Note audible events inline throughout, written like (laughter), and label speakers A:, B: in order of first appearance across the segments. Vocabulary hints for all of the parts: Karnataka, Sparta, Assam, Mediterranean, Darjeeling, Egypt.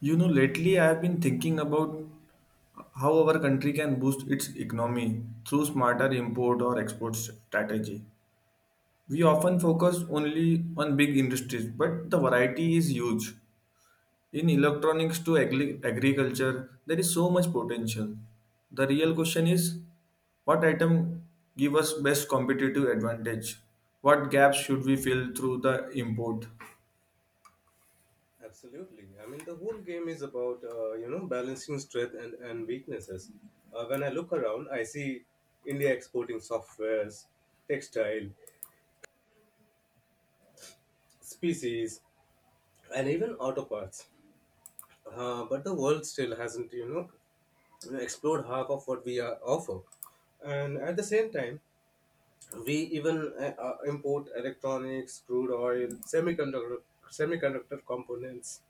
A: You know, lately I have been thinking about how our country can boost its economy through smarter import or export strategy. We often focus only on big industries, but the variety is huge. In electronics to agriculture, there is so much potential. The real question is what item give us best competitive advantage? What gaps should we fill through the import?
B: Absolutely. I mean, the whole game is about balancing strength and weaknesses. When I look around, I see India exporting softwares, textile, species, and even auto parts. But the world still hasn't explored half of what we are offer. And at the same time, we even import electronics, crude oil, semiconductor components,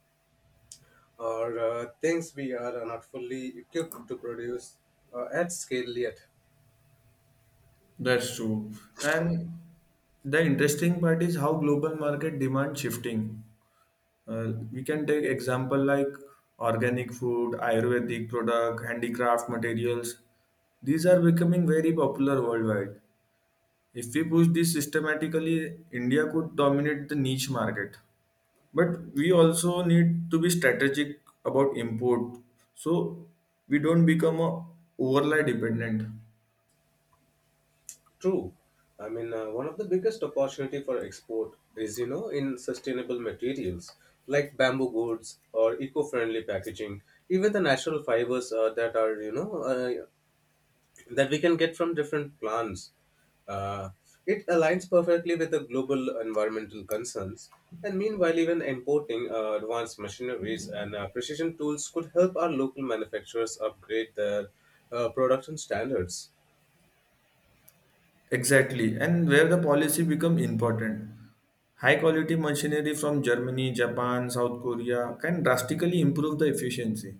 B: or things we are not fully equipped to produce at scale yet.
A: That's true. And the interesting part is how global market demand shifting. We can take example like organic food, ayurvedic product, handicraft materials. These are becoming very popular worldwide. If we push this systematically, india could dominate the niche market, but we also need to be strategic about import, so we don't become a overly dependent.
B: True. I mean, one of the biggest opportunity for export is, you know, in sustainable materials like bamboo goods or eco-friendly packaging, even the natural fibers that are, that we can get from different plants. Uh, it aligns perfectly with the global environmental concerns. And meanwhile, even importing advanced machineries and precision tools could help our local manufacturers upgrade their production standards.
A: Exactly, and where the policy become important. High quality machinery from Germany, Japan, South Korea can drastically improve the efficiency.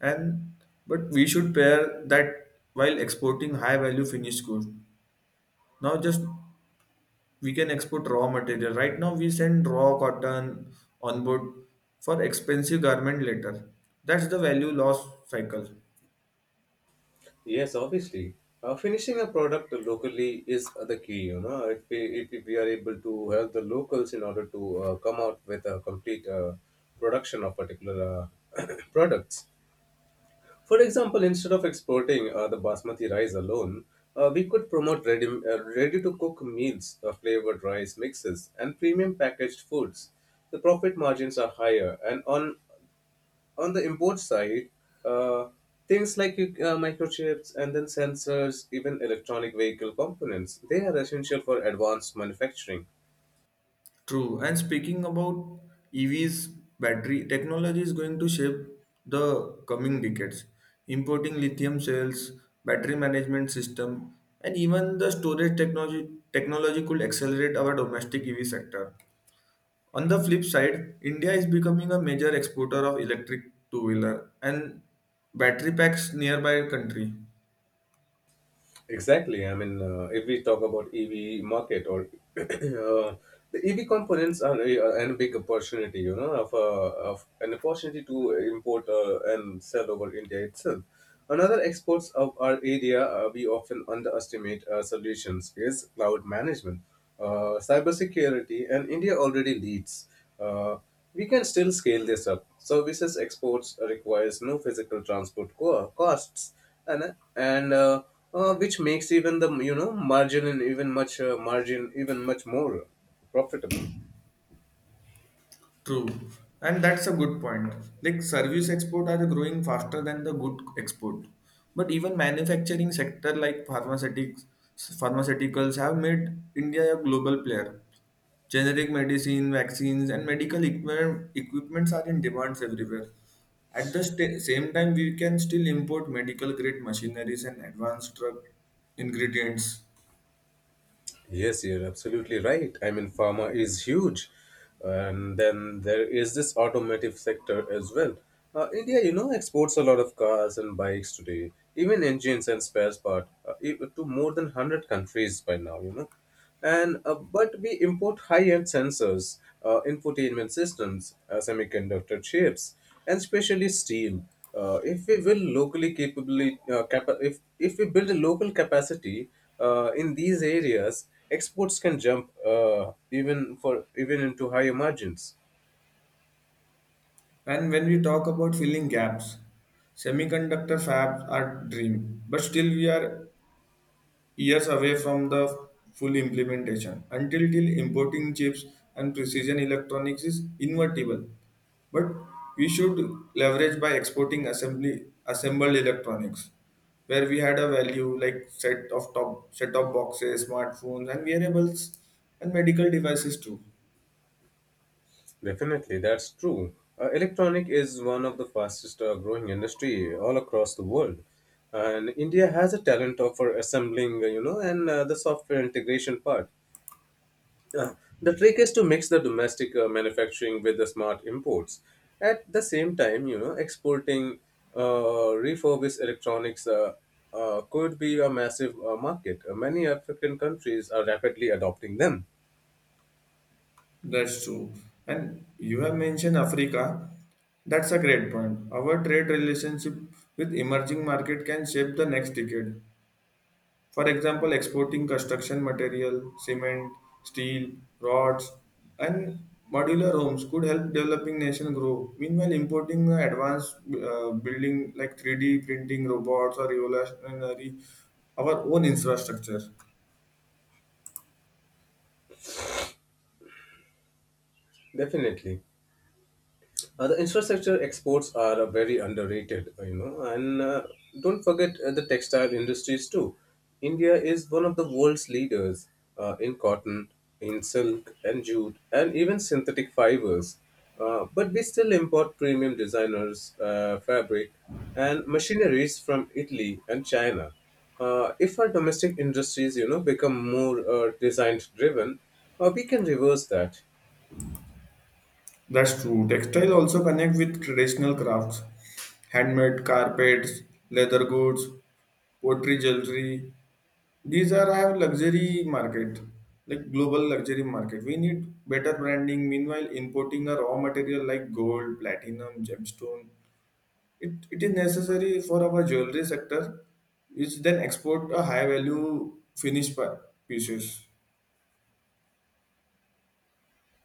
A: And but we should pair that while exporting high value finished goods. Now just we can export raw material. Right now we send raw cotton on board for expensive garment later. That's the value loss cycle.
B: Yes, obviously. Finishing a product locally is the key, you know. If we are able to help the locals in order to come out with a complete production of particular uh, (coughs) (clears throat) products, for example, instead of exporting the basmati rice alone, we could promote ready-to-cook meals, flavored rice mixes, and premium packaged foods. The profit margins are higher, and on the import side, uh, things like microchips and then sensors, even electronic vehicle components, they are essential for advanced manufacturing.
A: True. And speaking about EVs, battery technology is going to shape the coming decades. Importing lithium cells, battery management system, and even the storage technology could accelerate our domestic EV sector. On the flip side, India is becoming a major exporter of electric two-wheeler and battery packs nearby country.
B: Exactly. I mean, if we talk about EV market or (clears throat) uh, the EV components are a big opportunity, you know, of an opportunity to import and sell over India itself. Another exports of our area we often underestimate solutions is cloud management, cybersecurity, and India already leads. Uh, we can still scale this up. Services exports requires no physical costs, and which makes even the margin and even much margin even much more profitable.
A: True, and that's a good point. Like service export are growing faster than the good export. But even manufacturing sector like pharmaceuticals have made India a global player. Generic medicine, vaccines, and medical equipments are in demands everywhere. At the sta same time, we can still import medical grade machineries and advanced drug ingredients.
B: Yes, you're absolutely right. I mean, pharma is huge. And then there is this automotive sector as well. India, you know, exports a lot of cars and bikes today, even engines and spares part, to more than 100 countries by now, you know, and but we import high-end sensors, infotainment systems, semiconductor chips, and especially steel. If we will if we build a local capacity in these areas, exports can jump even into higher margins.
A: And when we talk about filling gaps, semiconductor fabs are dream, but still we are years away from the full implementation. Until till importing chips and precision electronics is inevitable, but we should leverage by exporting assembly assembled electronics, where we had a value like set of top set of boxes, smartphones, and wearables, and medical devices too.
B: Definitely, that's true. Electronic is one of the fastest growing industry all across the world, and India has a talent of for assembling, you know, and the software integration part. Uh, the trick is to mix the domestic manufacturing with the smart imports. At the same time, you know, exporting refurbished electronics could be a massive market. Many African countries are rapidly adopting them.
A: That's true. And you have mentioned Africa. That's a great point. Our trade relationship with emerging market can shape the next decade. For example, exporting construction material, cement, steel, rods, and modular homes could help developing nation grow. Meanwhile, importing advanced building like 3D printing robots or revolutionary our own infrastructure.
B: Definitely. The infrastructure exports are very underrated, you know, and don't forget the textile industries too. India is one of the world's leaders in cotton, in silk and jute, and even synthetic fibers. But we still import premium designers, fabric, and machineries from Italy and China. If our domestic industries, you know, become more design driven, we can reverse that.
A: That's true. Textile also connect with traditional crafts, handmade carpets, leather goods, pottery, jewelry. These are our luxury market, like global luxury market. We need better branding. Meanwhile, importing a raw material like gold, platinum, gemstone, it is necessary for our jewelry sector, which then export a high value finished pieces.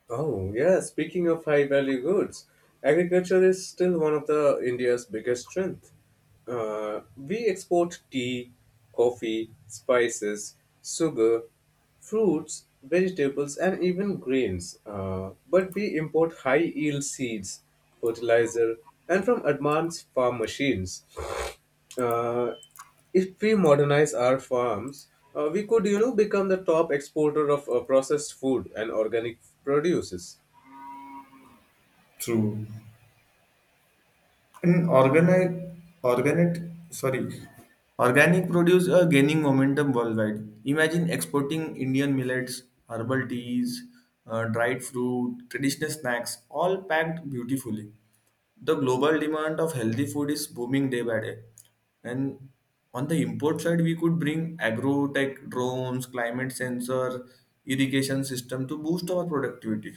B: Oh, yeah, speaking of high value goods, agriculture is still one of the India's biggest strength. We export tea, coffee, spices, sugar, fruits, vegetables, and even grains. But we import high yield seeds, fertilizer, and from advanced farm machines. Uh, if we modernize our farms, we could, you know, become the top exporter of processed food and organic produces.
A: True. And organic, sorry, organic produce are gaining momentum worldwide. Imagine exporting Indian millets, herbal teas, dried fruit, traditional snacks, all packed beautifully. The global demand of healthy food is booming day by day. And on the import side, we could bring agro tech drones, climate sensor, irrigation system to boost our productivity.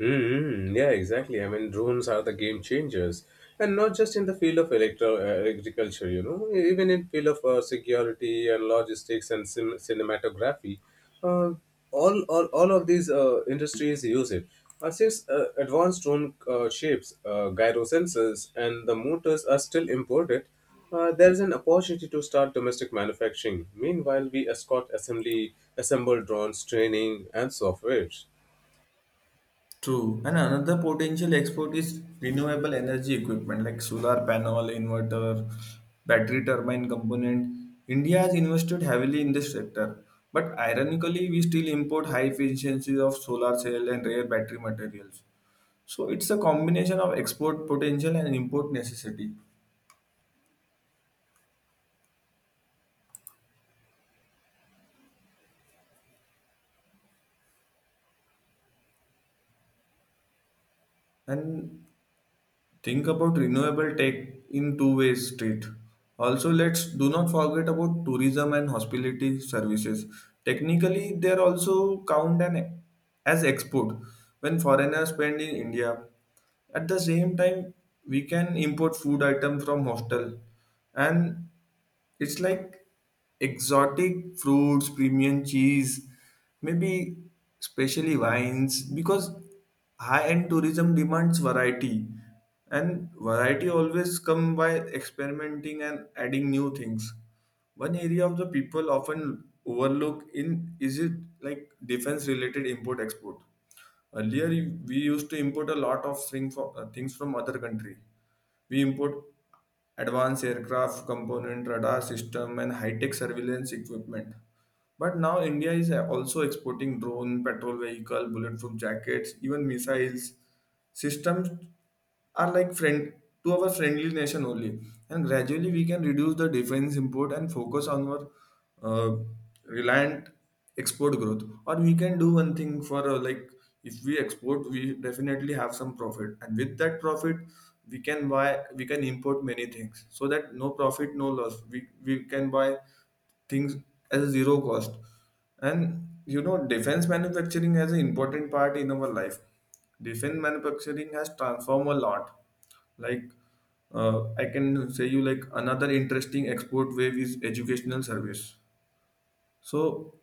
B: Mm-hmm. Yeah, exactly. I mean, drones are the game changers, and not just in the field of electro agriculture. You know, even in field of security and logistics and cinematography, uh, all of these industries use it. Since advanced drone shapes, gyro sensors, and the motors are still imported, there is an opportunity to start domestic manufacturing. Meanwhile, we escort assemble drones, training, and softwares.
A: True. And another potential export is renewable energy equipment like solar panel, inverter, battery turbine component. India has invested heavily in this sector, but ironically, we still import high efficiencies of solar cell and rare battery materials. So it's a combination of export potential and import necessity. And think about renewable tech in two ways street. Also, let's do not forget about tourism and hospitality services. Technically they are also count an, as export when foreigners spend in india. At the same time, we can import food items from hostel, and it's like exotic fruits, premium cheese, maybe especially wines, because high-end tourism demands variety, and variety always come by experimenting and adding new things. One area of the people often overlook in is it like defense-related import-export. Earlier, we used to import a lot of thing for, things from other country. We import advanced aircraft component, radar system, and high-tech surveillance equipment. But now India is also exporting drone, patrol vehicle, bulletproof jackets, even missiles systems are like friend to our friendly nation only. And gradually we can reduce the defense import and focus on our uh, reliant export growth. Or we can do one thing for like, if we export we definitely have some profit, and with that profit we can buy, we can import many things, so that no profit no loss, we can buy things as a zero cost. And you know defense manufacturing has an important part in our life. Defense manufacturing has transformed a lot. Like, uh, I can say you like another interesting export wave is educational service. So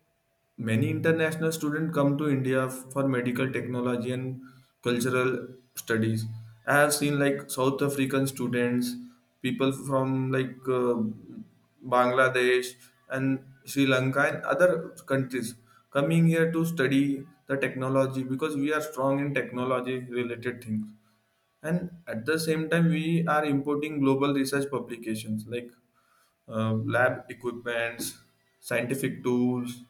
A: many international students come to India for medical technology and cultural studies. I have seen like South African students, people from like Bangladesh and Sri Lanka and other countries coming here to study the technology because we are strong in technology related things. And at the same time, we are importing global research publications like lab equipments, scientific tools,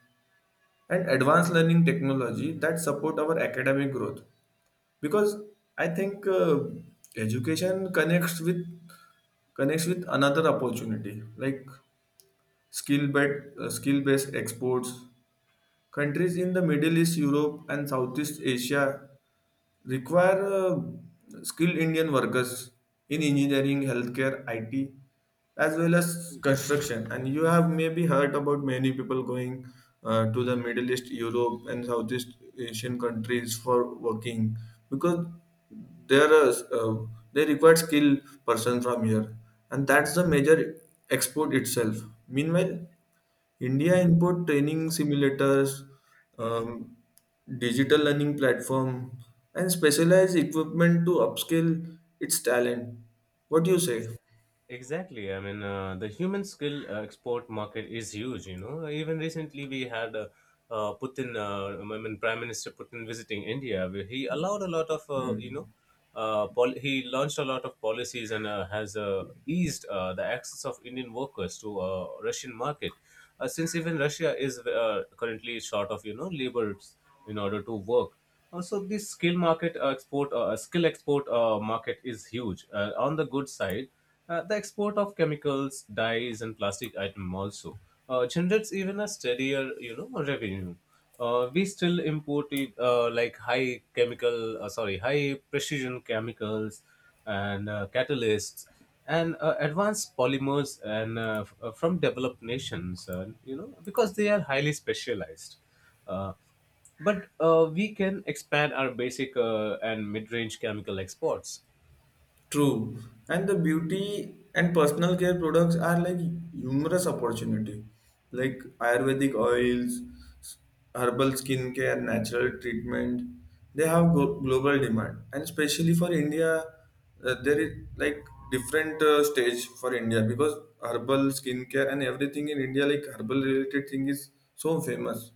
A: and advanced learning technology that support our academic growth. Because I think education connects with another opportunity like skill based exports. Countries in the middle east, europe and southeast asia require skilled Indian workers in engineering, healthcare, IT, as well as construction. And you have maybe heard about many people going to the Middle East, Europe, and Southeast Asian countries for working, because there are they require skilled person from here, and that's the major export itself. Meanwhile, India import training simulators, um, digital learning platform, and specialized equipment to upskill its talent. What do you say?
B: Ex- Exactly. I mean, the human skill export market is huge. You know, even recently we had Putin, I mean, Prime Minister Putin visiting India, where he allowed a lot of, he launched a lot of policies and has eased the access of Indian workers to Russian market. Since even Russia is currently short of, you know, laborers in order to work. Also, this skill market skill export market is huge. On the good side, the export of chemicals, dyes, and plastic item also generates even a steadier, you know, revenue. We still import it, like high precision chemicals and catalysts and advanced polymers and from developed nations, you know, because they are highly specialized. Uh, but we can expand our basic and mid-range chemical exports.
A: True. And the beauty and personal care products are like humorous opportunity, like Ayurvedic oils, herbal skincare, natural treatment. They have global demand, and especially for India, there is like different stage for India, because herbal skincare and everything in India, like herbal related thing, is so famous.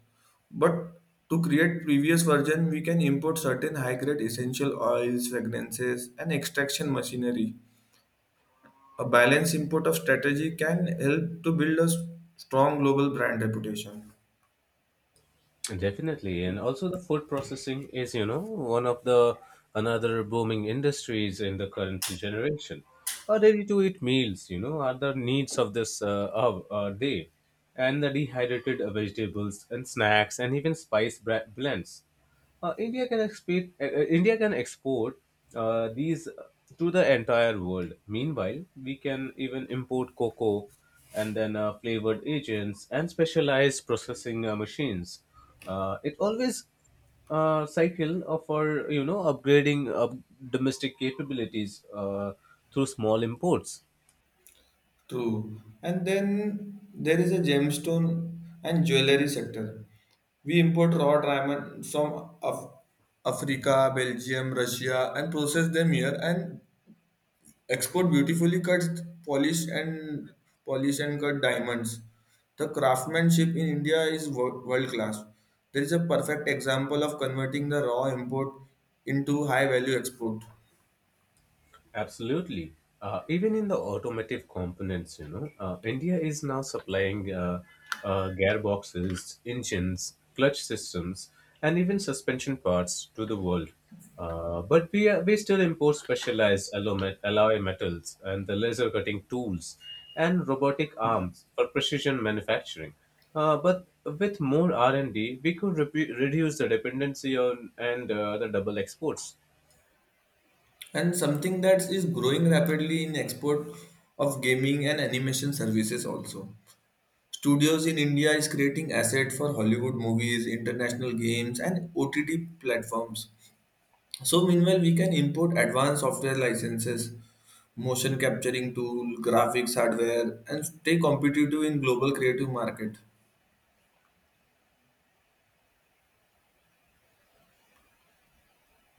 A: But to create previous version, we can import certain high-grade essential oils, fragrances, and extraction machinery. A balanced import of strategy can help to build a strong global brand reputation.
B: Definitely, and also the food processing is, you know, one of the another booming industries in the current generation. Ready to eat meals, you know, are the needs of this day, and the dehydrated vegetables and snacks and even blends. India can export these to the entire world. Meanwhile, we can even import cocoa and then flavored agents and specialized processing machines. It always cycle of our, you know, upgrading of domestic capabilities through small imports.
A: True. And then there is a gemstone and jewelry sector. We import raw diamond from Africa, Belgium, Russia, and process them here and expert beautifully cuts, polished and polished and cut diamonds. The craftsmanship in India is world class. There is a perfect example of converting the raw import into high value export.
B: Absolutely. Even in the automotive components, you know, India is now supplying gearboxes, engines, clutch systems, and even suspension parts to the world. But we still import specialized alloy metals and the laser cutting tools and robotic arms for precision manufacturing. But with more R and D, we could repu reduce the dependency on and the double exports.
A: And something that is growing rapidly in export of gaming and animation services also. Studios in India is creating asset for Hollywood movies, international games and OTT platforms. So meanwhile, we can import advanced software licenses, motion capturing tool, graphics hardware, and stay competitive in global creative market.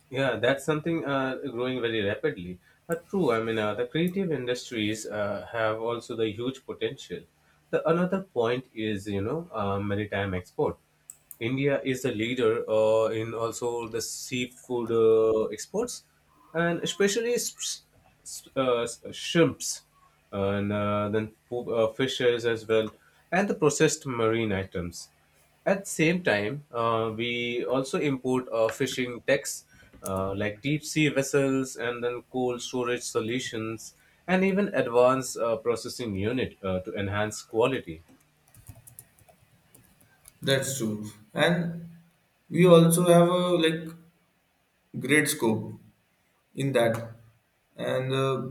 B: Yeah, that's something growing very rapidly. But true, I mean, the creative industries have also the huge potential. The another point is, you know, maritime export. India is the leader in also the seafood exports, and especially shrimps, and then fishes as well, and the processed marine items. At the same time, we also import fishing techs like deep sea vessels and then cold storage solutions and even advanced processing unit to enhance quality.
A: That's true. And we also have a like great scope in that. And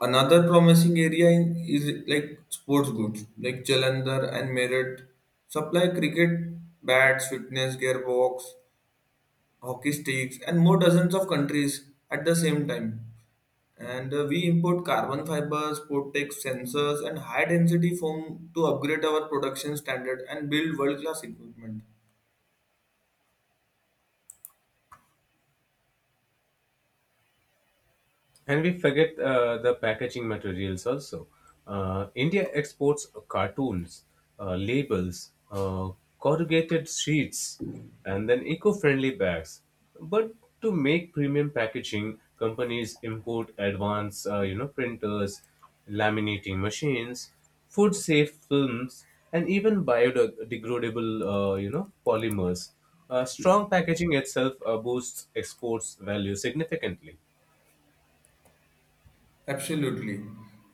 A: another promising area is like sports goods, like Jalandhar and Meerut supply cricket bats, fitness gearbox, hockey sticks, and more dozens of countries at the same time. And we import carbon fibers, Portex sensors, and high density foam to upgrade our production standard and build world class equipment.
B: And we forget the packaging materials also. India exports cartoons, labels, corrugated sheets, and then eco friendly bags. But to make premium packaging, companies import advanced, printers, laminating machines, food safe films, and even biodegradable, polymers. Strong packaging itself boosts exports value significantly.
A: Absolutely.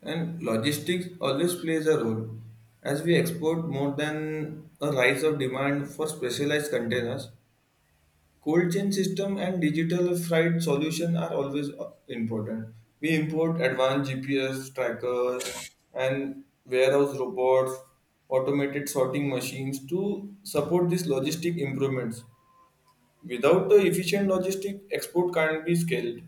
A: And logistics always plays a role. As we export more than a rise of demand for specialized containers, cold chain system and digital freight solution are always important. We import advanced GPS trackers and warehouse robots, automated sorting machines to support these logistic improvements. Without the efficient logistic, export can't be scaled.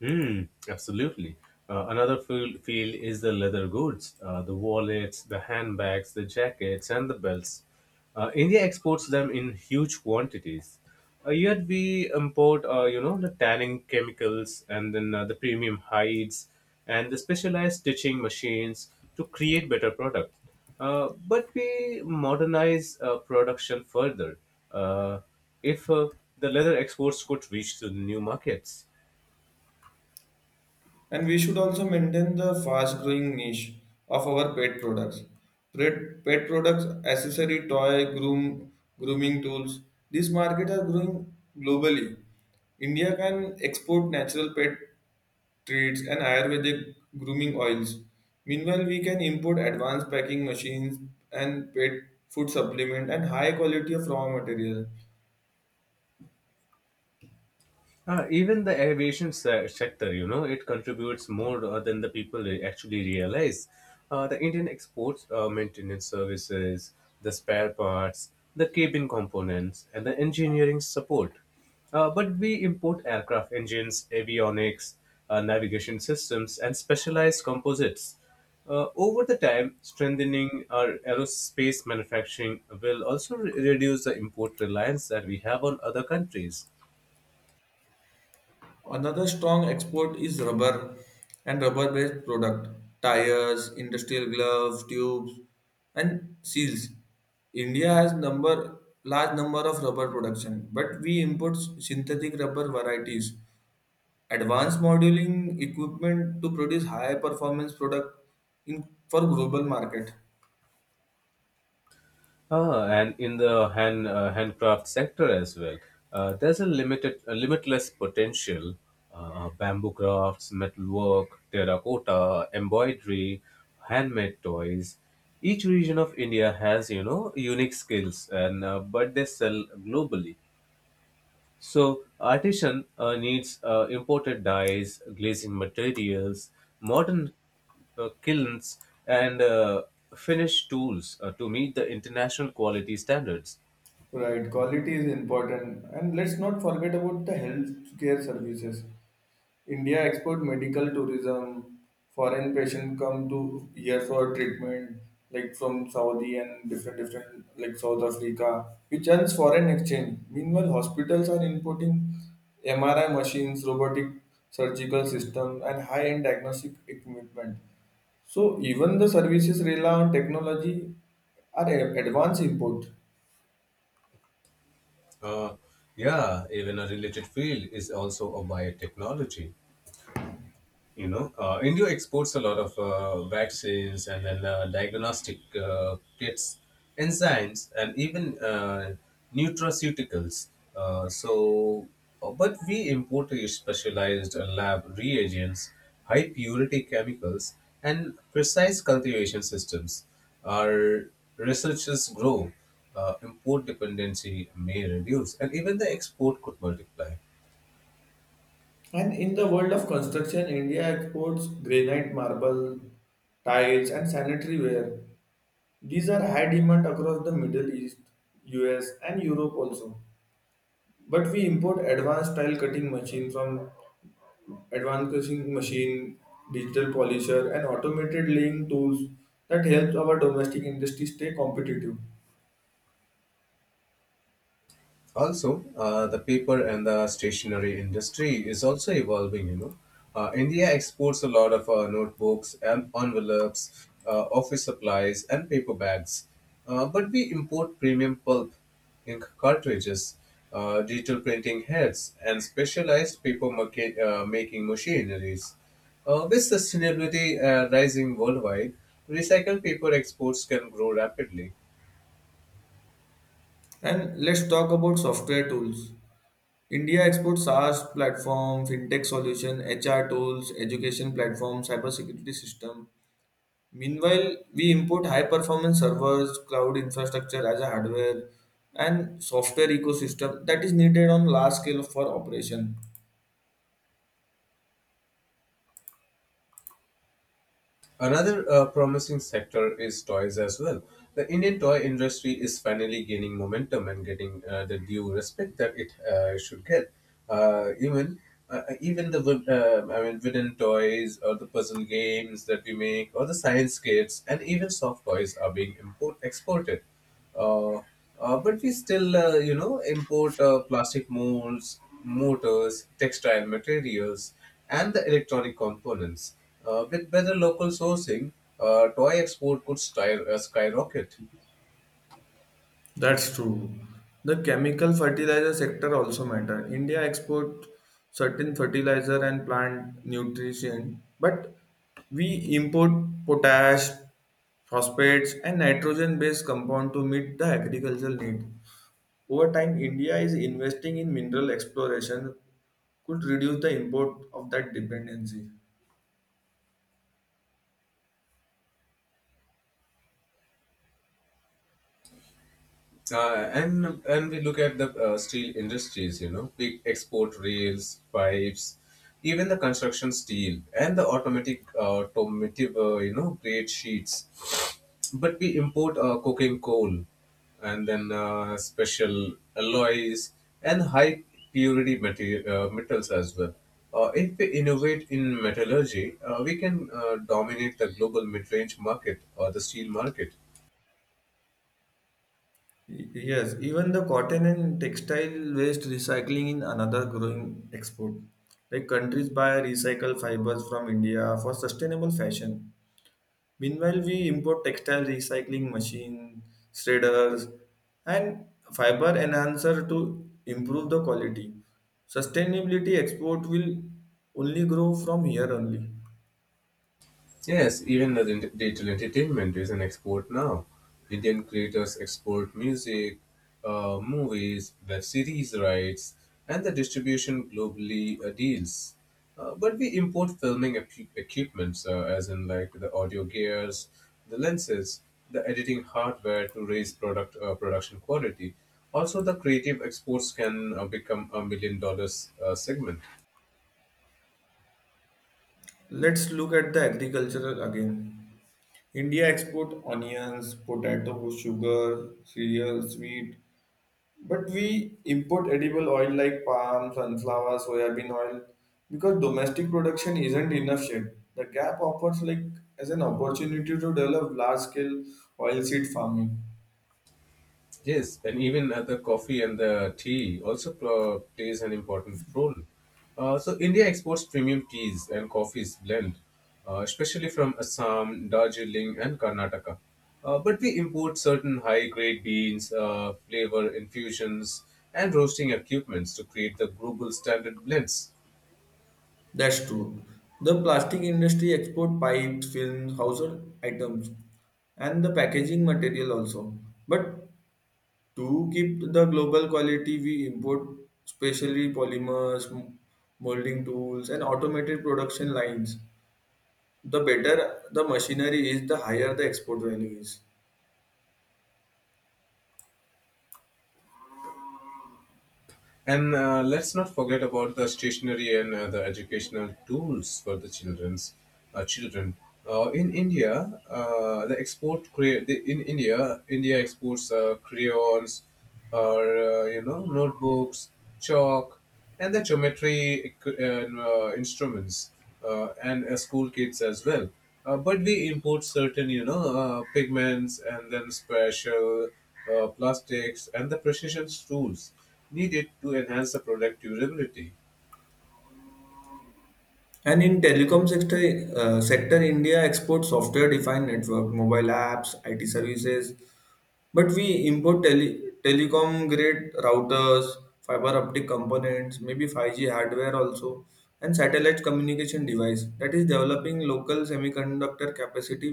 B: Mm, absolutely. Another field is the leather goods, the wallets, the handbags, the jackets, and the belts. India exports them in huge quantities. Yet we import, you know, the tanning chemicals and then the premium hides and the specialized stitching machines to create better products. But we modernize production further. Uh, if the leather exports could reach to new markets.
A: And we should also maintain the fast growing niche of our pet products. Pet products, accessory, toy, grooming tools. These market are growing globally. India can export natural pet treats and Ayurvedic grooming oils. Meanwhile, we can import advanced packing machines and pet food supplement and high quality of raw material.
B: Ah, even the sector, you know, it contributes more than the people actually realize. The Indian exports maintenance services, the spare parts, the cabin components, and the engineering support. But we import aircraft engines, avionics, navigation systems, and specialized composites. Over the time, strengthening our aerospace manufacturing will also reduce the import reliance that we have on other countries.
A: Another strong export is rubber and rubber-based product, tires, industrial gloves, tubes, and seals. India has number large number of rubber production, but we import synthetic rubber varieties, advanced modeling equipment to produce high performance product in for global market.
B: Ah, and in the handcraft sector as well, there's a limitless potential. Bamboo crafts, metalwork, terracotta, embroidery, handmade toys. Each region of India has, you know, unique skills, and but they sell globally. So, artisan needs imported dyes, glazing materials, modern kilns, and finished tools to meet the international quality standards.
A: Right, quality is important. And let's not forget about the healthcare services. India export medical tourism. Foreign patients come to here for treatment, like from Saudi and different like South Africa, which earns foreign exchange. Meanwhile, hospitals are importing MRI machines, robotic surgical system, and high-end diagnostic equipment. So even the services rely on technology are advanced import.
B: Uh, yeah, even a related field is also a biotechnology. India exports a lot of vaccines and then diagnostic kits, enzymes, and even uh, nutraceuticals. uh, so but we import a specialized lab reagents, high purity chemicals, and precise cultivation systems our researchers grow. Import dependency may reduce and even the export could multiply.
A: And in the world of construction, India exports granite, marble, tiles, and sanitary ware. These are high demand across the Middle East, US, and Europe also. But we import advanced cutting machine, digital polisher, and automated laying tools that helps our domestic industry stay competitive.
B: Also, the paper and the stationery industry is also evolving. India exports a lot of notebooks and envelopes, office supplies, and paper bags. But we import premium pulp, ink cartridges, digital printing heads, and specialized paper market, making machineries. With sustainability rising worldwide, recycled paper exports can grow rapidly.
A: And let's talk about software tools. India exports SaaS platform, fintech solution, HR tools, education platform, cybersecurity system. Meanwhile, we import high-performance servers, cloud infrastructure as a hardware, and software ecosystem that is needed on large scale for operation.
B: Another promising sector is toys as well. The Indian toy industry is finally gaining momentum and getting the due respect that it should get. Uh, even Even the I mean wooden toys, or the puzzle games that we make, or the science kits, and even soft toys are being import exported. uh, but we still import plastic molds, motors, textile materials, and the electronic components. With better local sourcing, toy export could skyrocket.
A: That's true. The chemical fertilizer sector also matter. India export certain fertilizer and plant nutrition, but we import potash, phosphates, and nitrogen-based compound to meet the agricultural need. Over time, India is investing in mineral exploration could reduce the import of that dependency.
B: Uh, and and we look at the steel industries. You know, we export rails, pipes, even the construction steel and the automatic automotive grade sheets. But we import coking coal, and then special alloys, and high purity metals as well. If we innovate in metallurgy, we can dominate the global mid range market or the steel market.
A: Yes, even the cotton and textile waste recycling is another growing export. Like countries buy recycled fibers from India for sustainable fashion. Meanwhile, we import textile recycling machine, shredders, and fiber enhancer to improve the quality. Sustainability export will only grow from here only.
B: Yes, even the digital entertainment is an export now. Indian creators export music, movies, web series rights, and the distribution globally deals. But we import equipments, as in like the audio gears, the lenses, the editing hardware to raise production quality. Also, the creative exports can become $1 million segment.
A: Let's look at the agricultural again. India export onions, potato, sugar, cereal, wheat, but we import edible oil like palm, sunflower, soybean oil because domestic production isn't enough yet. The gap offers like as an opportunity to develop large-scale oilseed farming.
B: Yes, and even the coffee and the tea also plays an important role. So India exports premium teas and coffees blend, especially from Assam, Darjeeling, and Karnataka. But we import certain high-grade beans, flavor infusions, and roasting equipments to create the global standard blends.
A: That's true. The plastic industry export pipes, films, household items, and the packaging material also. But to keep the global quality, we import specially polymers, molding tools, and automated production lines. The better the machinery is, the higher the export value is.
B: And let's not forget about the stationery and the educational tools for the children. In India, the export crea- the, in India, India exports crayons, or notebooks, chalk, and the geometry equi- instruments, and school kits as well. But we import certain, pigments, and then special plastics, and the precision tools needed to enhance the product durability.
A: And in telecom sector, India exports software-defined network, mobile apps, IT services. But we import telecom grade routers, fiber optic components, maybe 5G hardware also, and satellite communication device that is developing local semiconductor capacity,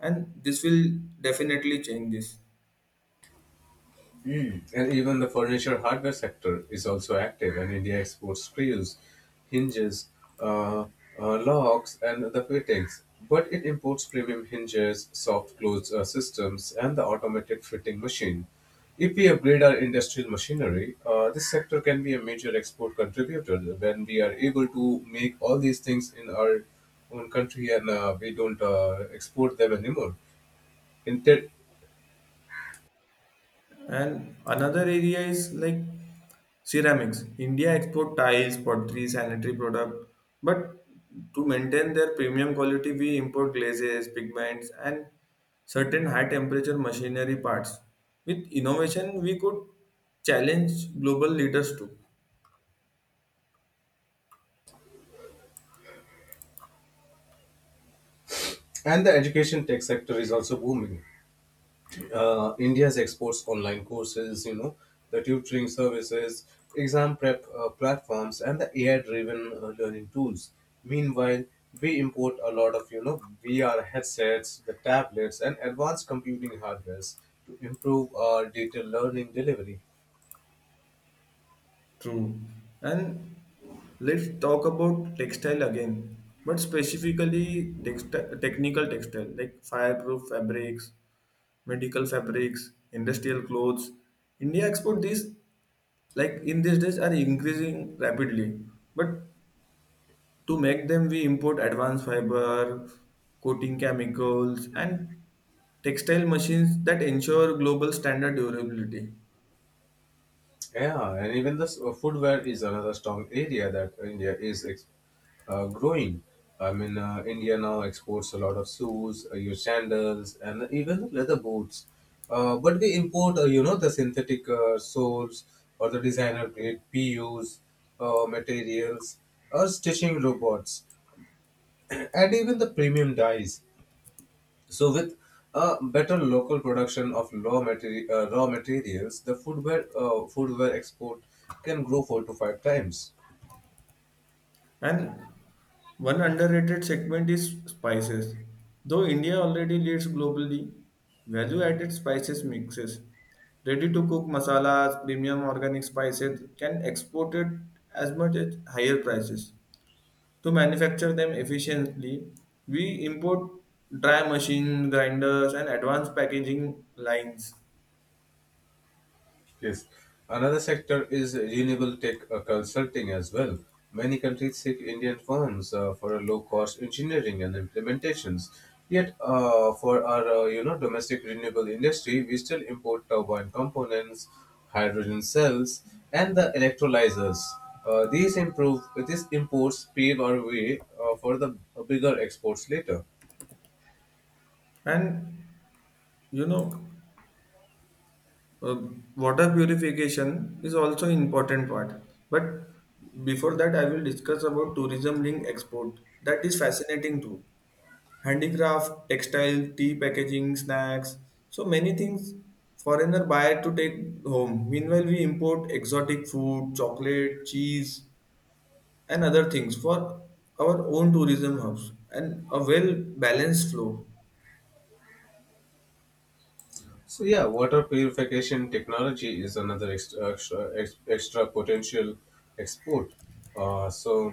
A: and this will definitely change this.
B: Mm. And even the furniture hardware sector is also active, and India exports screws, hinges, uh, locks, and the fittings. But it imports premium hinges, soft close systems, and the automated fitting machine. If we upgrade our industrial machinery, this sector can be a major export contributor when we are able to make all these things in our own country and we don't export them anymore. In tech-
A: And another area is like ceramics. India export tiles, pottery, sanitary product, but to maintain their premium quality, we import glazes, pigments, and certain high temperature machinery parts. With innovation, we could challenge global leaders too.
B: and the education tech sector is also booming. India's exports online courses, the tutoring services, exam prep platforms, and the AI-driven learning tools. Meanwhile, we import a lot of, VR headsets, the tablets, and advanced computing hardwares to improve our data learning delivery.
A: True. And let's talk about textile again, but specifically textile technical textile like fireproof fabrics, medical fabrics, industrial clothes. India export these like in these days are increasing rapidly, but to make them we import advanced fiber coating chemicals and textile machines that ensure global standard durability.
B: Yeah, and even the footwear is another strong area that India is growing. I mean, India now exports a lot of shoes, your sandals, and even leather boots. But we import, the synthetic soles or the designer grade PUs, materials, or stitching robots, (clears throat) and even the premium dyes. So, with a better local production of raw materials, the foodware export can grow 4 to 5 times.
A: And one underrated segment is spices. Though india already leads globally, value added spices mixes, ready to cook masalas, premium organic spices can export it as much at higher prices. To manufacture them efficiently, we import dry machine grinders and advanced packaging lines.
B: Yes. Another sector is renewable tech consulting as well. Many countries seek Indian firms for a low-cost engineering and implementations. Yet, for our domestic renewable industry, we still import turbine components, hydrogen cells, and the electrolyzers. Uh, these improve these imports pave our way for the bigger exports later.
A: And you know, uh, water purification is also important part. But before that, I will discuss about tourism linked export. That is fascinating too. Handicraft, textile, tea packaging, snacks, so many things foreigner buy to take home. Meanwhile, we import exotic food, chocolate, cheese, and other things for our own tourism hubs and a well balanced flow.
B: So yeah, water purification technology is another extra potential export. So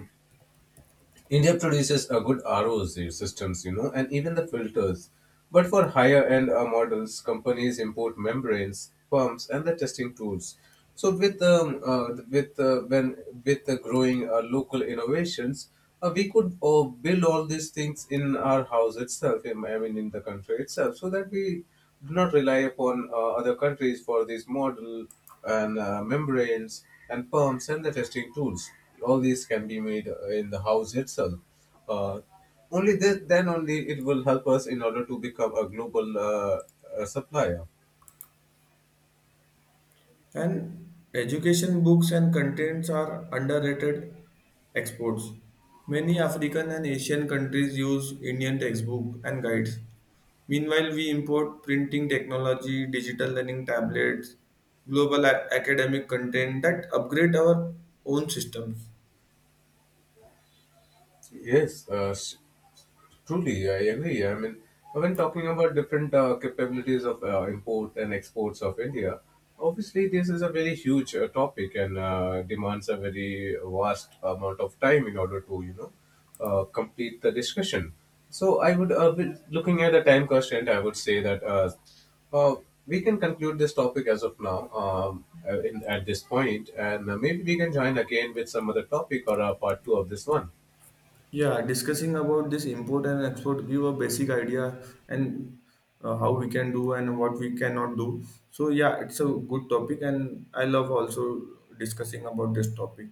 B: India produces a good ROC systems, you know, and even the filters. But for higher end models, companies import membranes, pumps, and the testing tools. So with the growing local innovations, we could build all these things in our house itself. I mean, in the country itself, so that we do not rely upon other countries for these model and membranes and pumps and the testing tools. All these can be made in the house itself. Uh, Only then only it will help us in order to become a global supplier.
A: And education books and contents are underrated exports. Many african and asian countries use indian textbook and guides. Meanwhile, we import printing technology, digital learning tablets, global academic content that upgrade our own systems.
B: Yes, uh, s- Truly, I agree. I mean, when talking about different capabilities of import and exports of India, obviously this is a very huge topic and demands a very vast amount of time in order to complete the discussion. So I would, looking at the time constraint, I would say that uh, we can conclude this topic as of now at this point, and maybe we can join again with some other topic or part 2 of this one.
A: Yeah, discussing about this import and export give a basic idea, and how we can do and what we cannot do. So yeah, it's a good topic and I love also discussing about this topic.